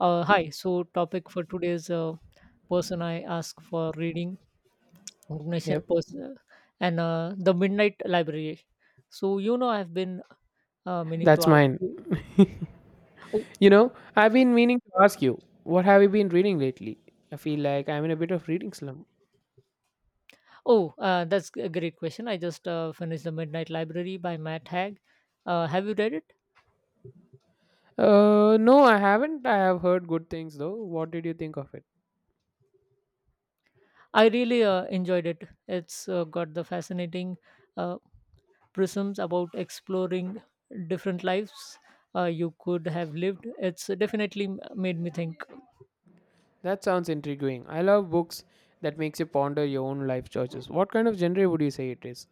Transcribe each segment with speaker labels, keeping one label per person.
Speaker 1: Hi. So, topic for today's person I ask for reading organization
Speaker 2: Yep,
Speaker 1: person and the Midnight Library. I've been meaning to
Speaker 2: that's
Speaker 1: ask
Speaker 2: mine.
Speaker 1: you. Oh,
Speaker 2: You know, I've been meaning to ask you, what have you been reading lately? I feel like I'm in a bit of reading slump.
Speaker 1: oh, that's a great question. I just finished the Midnight Library by Matt Haig. Have you read it?
Speaker 2: No, I haven't. I have heard good things though. What did you think of it?
Speaker 1: I really enjoyed it. It's got the fascinating uh, prisms about exploring different lives you could have lived. It's definitely made me think.
Speaker 2: That sounds intriguing. I love books that makes you ponder your own life choices. What kind of genre would you say it is?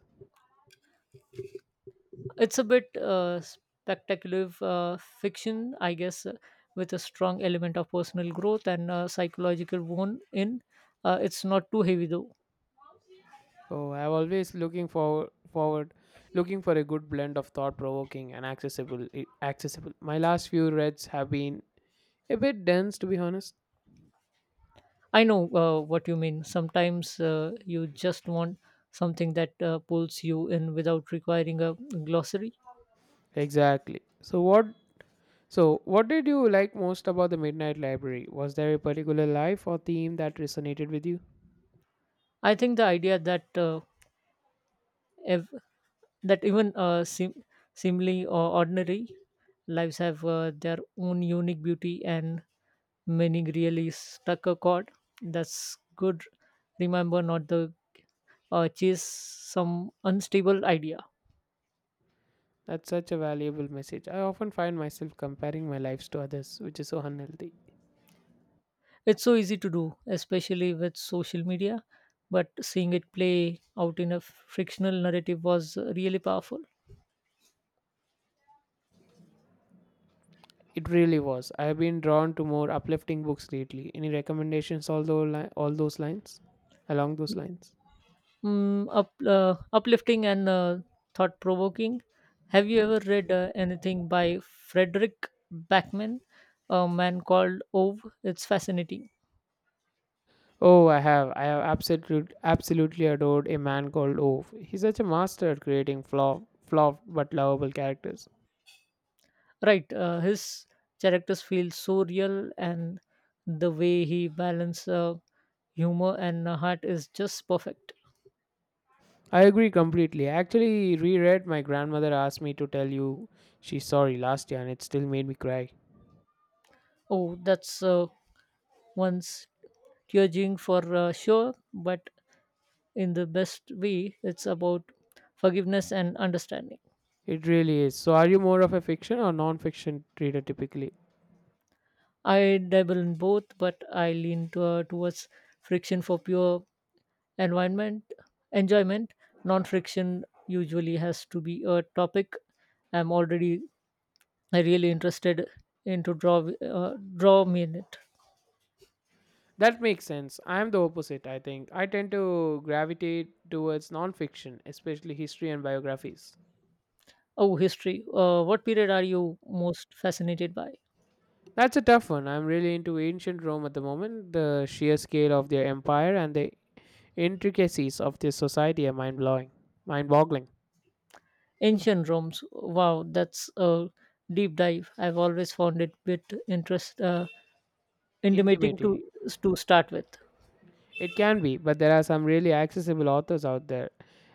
Speaker 1: It's a bit spectacular fiction, I guess, with a strong element of personal growth and psychological wound in. It's not too heavy though.
Speaker 2: Oh, I'm always looking for a good blend of thought-provoking and accessible. My last few reads have been a bit dense, to be honest.
Speaker 1: I know what you mean. Sometimes you just want something that pulls you in without requiring a glossary.
Speaker 2: Exactly. So, what did you like most about the Midnight Library? Was there a particular life or theme that resonated with you?
Speaker 1: I think the idea that ev- that even seemingly or ordinary lives have their own unique beauty and meaning really stuck a chord. That's good. Remember not the chase some unstable idea.
Speaker 2: That's such a valuable message. I often find myself comparing my lives to others, which is so unhealthy.
Speaker 1: It's so easy to do, especially with social media, but seeing it play out in a frictional narrative was really powerful.
Speaker 2: It really was. I have been drawn to more uplifting books lately. Any recommendations all those, li- all those lines? Along those lines?
Speaker 1: Uplifting and thought provoking. Have you ever read anything by Frederick Backman, a man called Ove? It's fascinating.
Speaker 2: Oh, I have. I have absolutely adored a man called Ove. He's such a master at creating flawed but lovable characters.
Speaker 1: Right, his characters feel so real, and the way he balances humor and heart is just perfect.
Speaker 2: I agree completely. I actually reread My Grandmother Asked Me to Tell You She's Sorry last year and it still made me cry.
Speaker 1: Oh, that's one's tearjerking for sure, but in the best way. It's about forgiveness and understanding.
Speaker 2: It really is. So, are you more of a fiction or non fiction reader typically?
Speaker 1: I dabble in both, but I lean towards friction for pure environment enjoyment. Non-friction usually has to be a topic I'm already really interested in to draw me in it.
Speaker 2: That makes sense. I am the opposite, I think. I tend to gravitate towards non fiction, especially history and biographies.
Speaker 1: Oh, history. What period are you most fascinated by?
Speaker 2: That's a tough one. I'm really into ancient Rome at the moment. The sheer scale of their empire and the intricacies of their society are mind boggling,
Speaker 1: Ancient Rome's. Wow, that's a deep dive. I've always found it bit interest intimidating
Speaker 2: intimating.
Speaker 1: to start with.
Speaker 2: It can be, but there are some really accessible authors out there.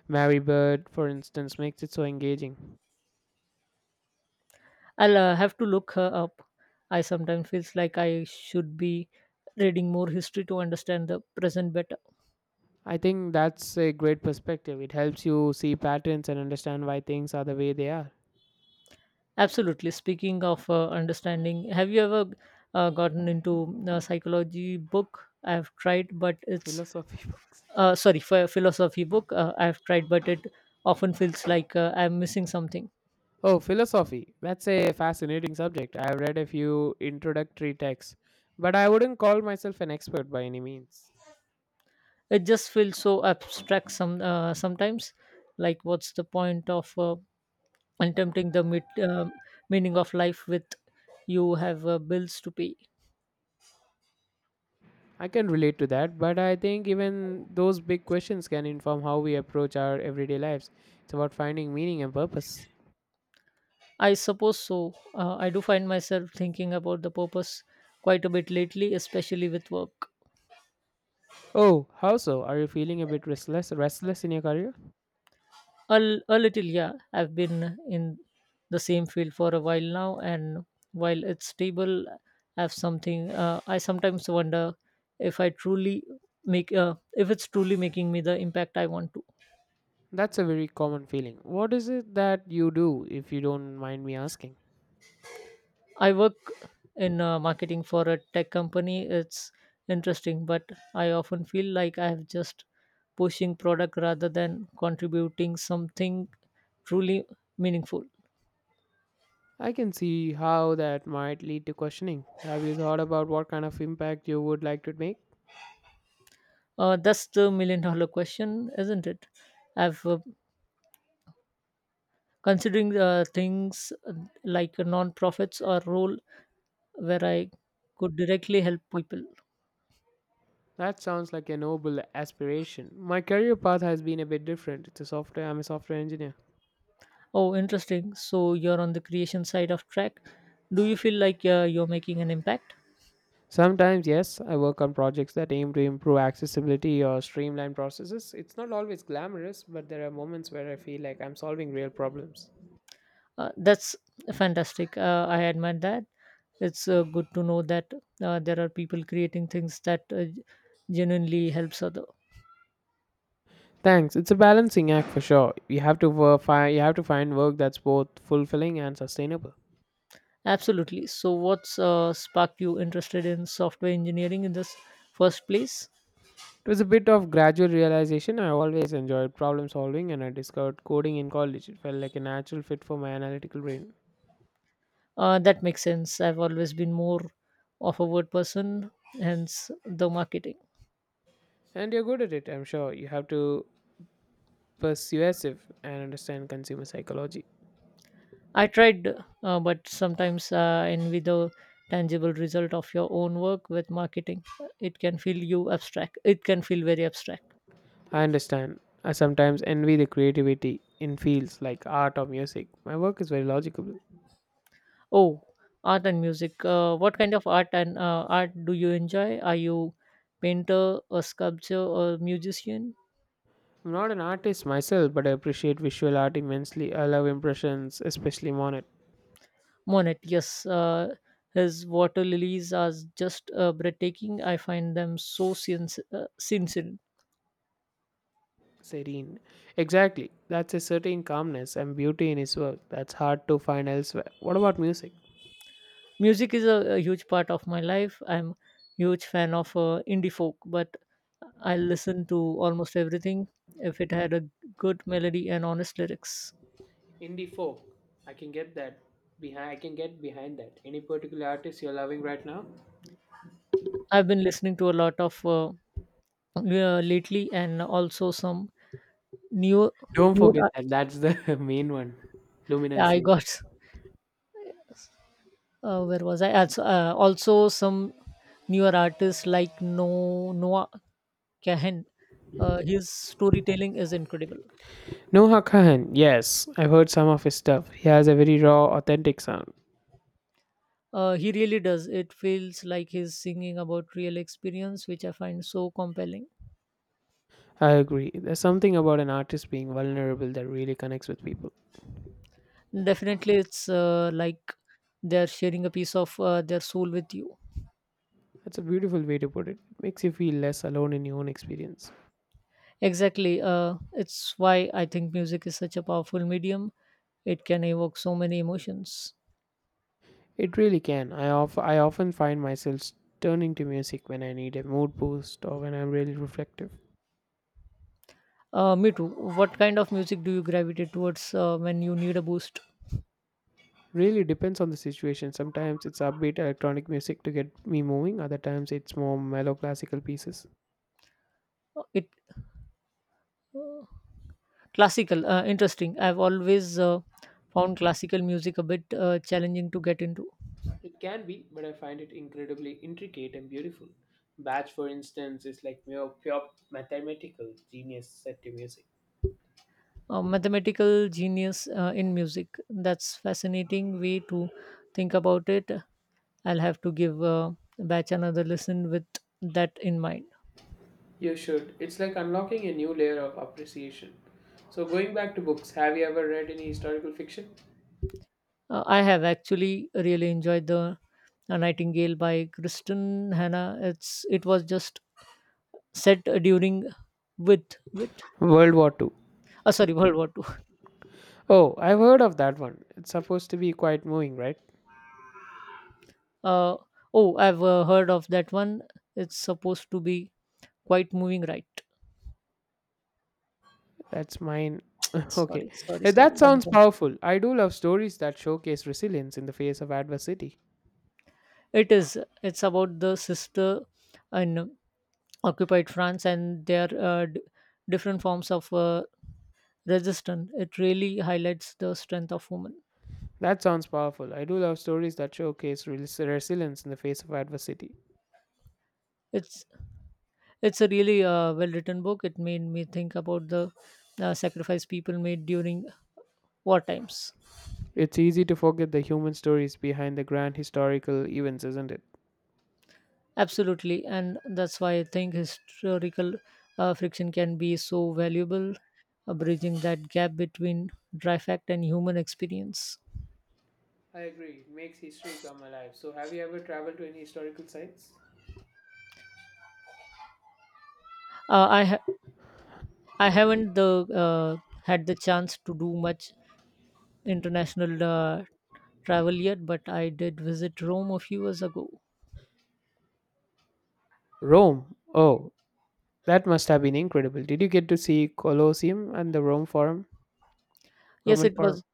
Speaker 2: Mary Bird, for instance, makes it so engaging.
Speaker 1: I'll have to look her up. I sometimes feels like I should be reading more history to understand the present better.
Speaker 2: I think that's a great perspective. It helps you see patterns and understand why things are the way they are.
Speaker 1: Absolutely. Speaking of understanding, have you ever gotten into a psychology book? I've tried, but it's
Speaker 2: Philosophy books.
Speaker 1: uh, sorry, for philosophy book. I've tried, but it often feels like I'm missing something.
Speaker 2: Oh, philosophy. That's a fascinating subject. I've read a few introductory texts, but I wouldn't call myself an expert by any means.
Speaker 1: It just feels so abstract sometimes. Like, what's the point of attempting the um meaning of life with you have bills to pay?
Speaker 2: I can relate to that, but I think even those big questions can inform how we approach our everyday lives. It's about finding meaning and purpose.
Speaker 1: I suppose so. I do find myself thinking about the purpose quite a bit lately, especially with work.
Speaker 2: Oh, how so? Are you feeling a bit restless in your career?
Speaker 1: A little, yeah. I've been in the same field for a while now, and while it's stable, I have something. I sometimes wonder if I truly make if it's truly making me the impact I want to.
Speaker 2: That's a very common feeling. What is it that you do if you don't mind me asking?
Speaker 1: I work in marketing for a tech company. It's interesting, but I often feel like I have just pushing product rather than contributing something truly meaningful.
Speaker 2: I can see how that might lead to questioning. Have you thought about what kind of impact you would like to make?
Speaker 1: That's the million dollar question, isn't it? I've considering things like non-profits or role where I could directly help people.
Speaker 2: That sounds like a noble aspiration. My career path has been a bit different. It's a software I'm a software engineer.
Speaker 1: Oh, interesting. So you're on the creation side of track. Do you feel like you're making an impact?
Speaker 2: Sometimes, yes, I work on projects that aim to improve accessibility or streamline processes. It's not always glamorous, but there are moments where I feel like I'm solving real problems.
Speaker 1: That's fantastic. I admire that. It's good to know that there are people creating things that genuinely helps other.
Speaker 2: Thanks. It's a balancing act for sure. You have to you have to find work that's both fulfilling and sustainable.
Speaker 1: Absolutely. So what's sparked you interested in software engineering in this first place?
Speaker 2: It was a bit of gradual realization. I always enjoyed problem solving, and I discovered coding in college. It felt like a natural fit for my analytical brain.
Speaker 1: That makes sense. I've always been more of a word person, hence the marketing.
Speaker 2: And you're good at it, I'm sure. You have to persuasive and understand consumer psychology.
Speaker 1: I tried, but sometimes envy the tangible result of your own work with marketing. It can feel you abstract. It can feel very abstract.
Speaker 2: I understand. I sometimes envy the creativity in fields like art or music. My work is very logical.
Speaker 1: Oh, art and music. What kind of art and art do you enjoy? Are you painter, a sculptor, or musician?
Speaker 2: I'm not an artist myself, but I appreciate visual art immensely. I love impressions, especially monet.
Speaker 1: Monet, yes, his water lilies are just breathtaking. I find them so sincere.
Speaker 2: Serene. Exactly. That's a certain calmness and beauty in his work that's hard to find elsewhere. What about music?
Speaker 1: Music is a huge part of my life. I'm huge fan of indie folk, but I listen to almost everything if it had a good melody and honest lyrics.
Speaker 2: Indie folk. I can get that. I can get behind that. Any particular artist you're loving right now?
Speaker 1: I've been listening to a lot of lately, and also some new
Speaker 2: Don't forget
Speaker 1: new.
Speaker 2: that. That's the main one.
Speaker 1: I
Speaker 2: Luminously.
Speaker 1: got where was I? Also, also some newer artists like No Noah Cahan. His storytelling is incredible.
Speaker 2: Noah Kahan. Yes, I've heard some of his stuff. He has a very raw, authentic sound.
Speaker 1: He really does. It feels like he's singing about real experience, which I find so compelling.
Speaker 2: I agree. There's something about an artist being vulnerable that really connects with people.
Speaker 1: Definitely, it's like they're sharing a piece of their soul with you.
Speaker 2: That's a beautiful way to put it. It makes you feel less alone in your own experience.
Speaker 1: Exactly. It's why I think music is such a powerful medium. It can evoke so many emotions.
Speaker 2: It really can. I often find myself turning to music when I need a mood boost or when I'm really reflective.
Speaker 1: Me too. What kind of music do you gravitate towards when you need a boost?
Speaker 2: Really depends on the situation. Sometimes it's upbeat electronic music to get me moving, other times it's more mellow classical pieces.
Speaker 1: It uh, Classical, interesting. I've always found classical music a bit challenging to get into.
Speaker 2: It can be, but I find it incredibly intricate and beautiful. Bach, for instance, is like mere pure mathematical genius set to music.
Speaker 1: A mathematical genius in music. That's fascinating way to think about it. I'll have to give Batch another listen with that in mind.
Speaker 2: You should. It's like unlocking a new layer of appreciation. So, going back to books, have you ever read any historical fiction?
Speaker 1: I have actually really enjoyed the Nightingale by Kristen Hannah. It was just set during with
Speaker 2: World War Two.
Speaker 1: oh sorry, World War Two.
Speaker 2: Oh, I've heard of that one. It's supposed to be quite moving, right?
Speaker 1: Uh, oh, I've heard of that one. It's supposed to be quite moving, right?
Speaker 2: That's mine. Okay.
Speaker 1: Sorry, sorry, sorry.
Speaker 2: That
Speaker 1: I'm
Speaker 2: sounds
Speaker 1: confused.
Speaker 2: powerful. I do love stories that showcase resilience in the face of adversity.
Speaker 1: It is. It's about the sister in occupied France and their different forms of resistance. It really highlights the strength of women.
Speaker 2: That sounds powerful. I do love stories that showcase resilience in the face of adversity.
Speaker 1: It's it's a really well written book. It made me think about the sacrifice people made during war times.
Speaker 2: It's easy to forget the human stories behind the grand historical events, isn't it?
Speaker 1: Absolutely, and that's why I think historical friction can be so valuable, bridging that gap between dry fact and human experience.
Speaker 2: I agree. It makes history come alive. So, have you ever traveled to any historical sites?
Speaker 1: Uh, I ha- I haven't the had the chance to do much international travel yet, but I did visit Rome a few years ago.
Speaker 2: Rome. Oh, that must have been incredible. Did you get to see Colosseum and the Rome Forum?
Speaker 1: Yes,
Speaker 2: Roman
Speaker 1: it
Speaker 2: Forum?
Speaker 1: was.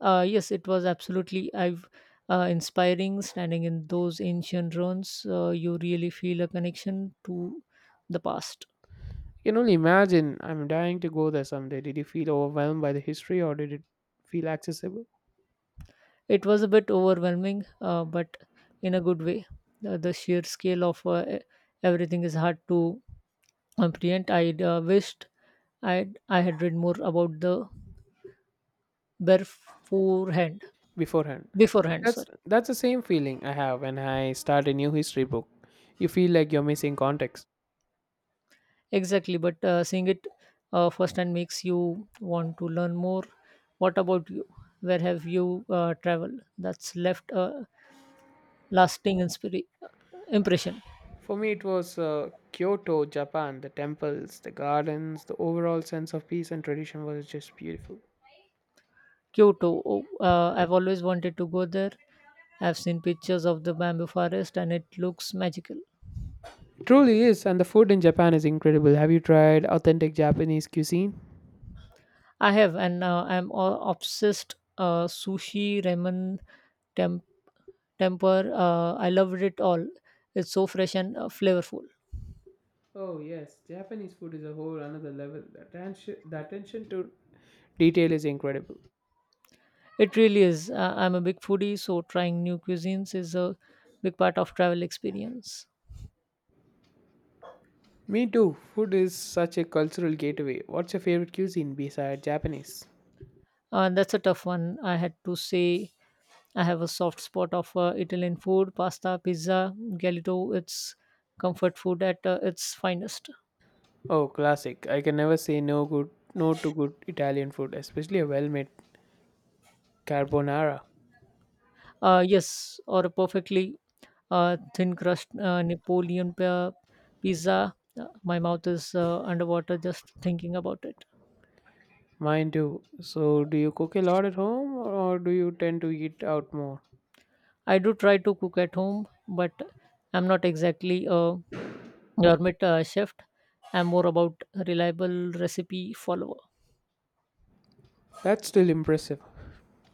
Speaker 1: Yes, it was absolutely. I've inspiring standing in those ancient ruins. You really feel a connection to the past.
Speaker 2: I can only imagine. I'm dying to go there someday. Did you feel overwhelmed by the history or did it feel accessible
Speaker 1: It was a bit overwhelming, but in a good way. The sheer scale of everything is hard to comprehend. I wished I had read more about the beforehand.
Speaker 2: beforehand?
Speaker 1: Beforehand, sorry.
Speaker 2: That's the same feeling I have when I start a new history book. You feel like you're missing context.
Speaker 1: Exactly, but seeing it firsthand makes you want to learn more. What about you? Where have you traveled? That's left a lasting impression.
Speaker 2: For me, it was Kyoto, Japan. The temples, the gardens, the overall sense of peace and tradition was just beautiful.
Speaker 1: Kyoto, oh, I've always wanted to go there. I've seen pictures of the bamboo forest and it looks magical.
Speaker 2: Truly is, and the food in Japan is incredible. Have you tried authentic Japanese cuisine?
Speaker 1: I have, and I'm all obsessed. Sushi, ramen, temp- temper. I loved it all. It's so fresh and flavorful.
Speaker 2: Oh yes, Japanese food is a whole another level. The attention to detail is incredible.
Speaker 1: It really is. I'm a big foodie, so trying new cuisines is a big part of travel experience.
Speaker 2: Me too. Food is such a cultural gateway. What's your favorite cuisine besides Japanese?
Speaker 1: That's a tough one. I had to say I have a soft spot of Italian food, pasta, pizza, galito. It's comfort food at its finest.
Speaker 2: Oh, classic. I can never say no to good Italian food, especially a well-made carbonara.
Speaker 1: Yes, or a perfectly thin crust Napoleon pizza. My mouth is underwater just thinking about it.
Speaker 2: Mine too. So, do you cook a lot at home or do you tend to eat out more?
Speaker 1: I do try to cook at home, but I'm not exactly a gourmet chef. I'm more about reliable recipe follower.
Speaker 2: That's still impressive.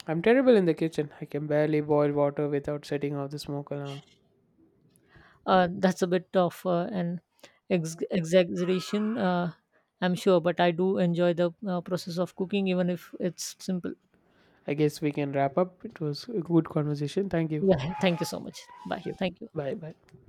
Speaker 2: I'm terrible in the kitchen. I can barely boil water without setting off the smoke alarm.
Speaker 1: That's a bit of an exaggeration, I'm sure, but I do enjoy the process of cooking, even if it's simple.
Speaker 2: I guess we can wrap up. It was a good conversation. Thank you.
Speaker 1: Yeah, thank you so much. Bye.
Speaker 2: Yep.
Speaker 1: Thank you.
Speaker 2: Bye bye.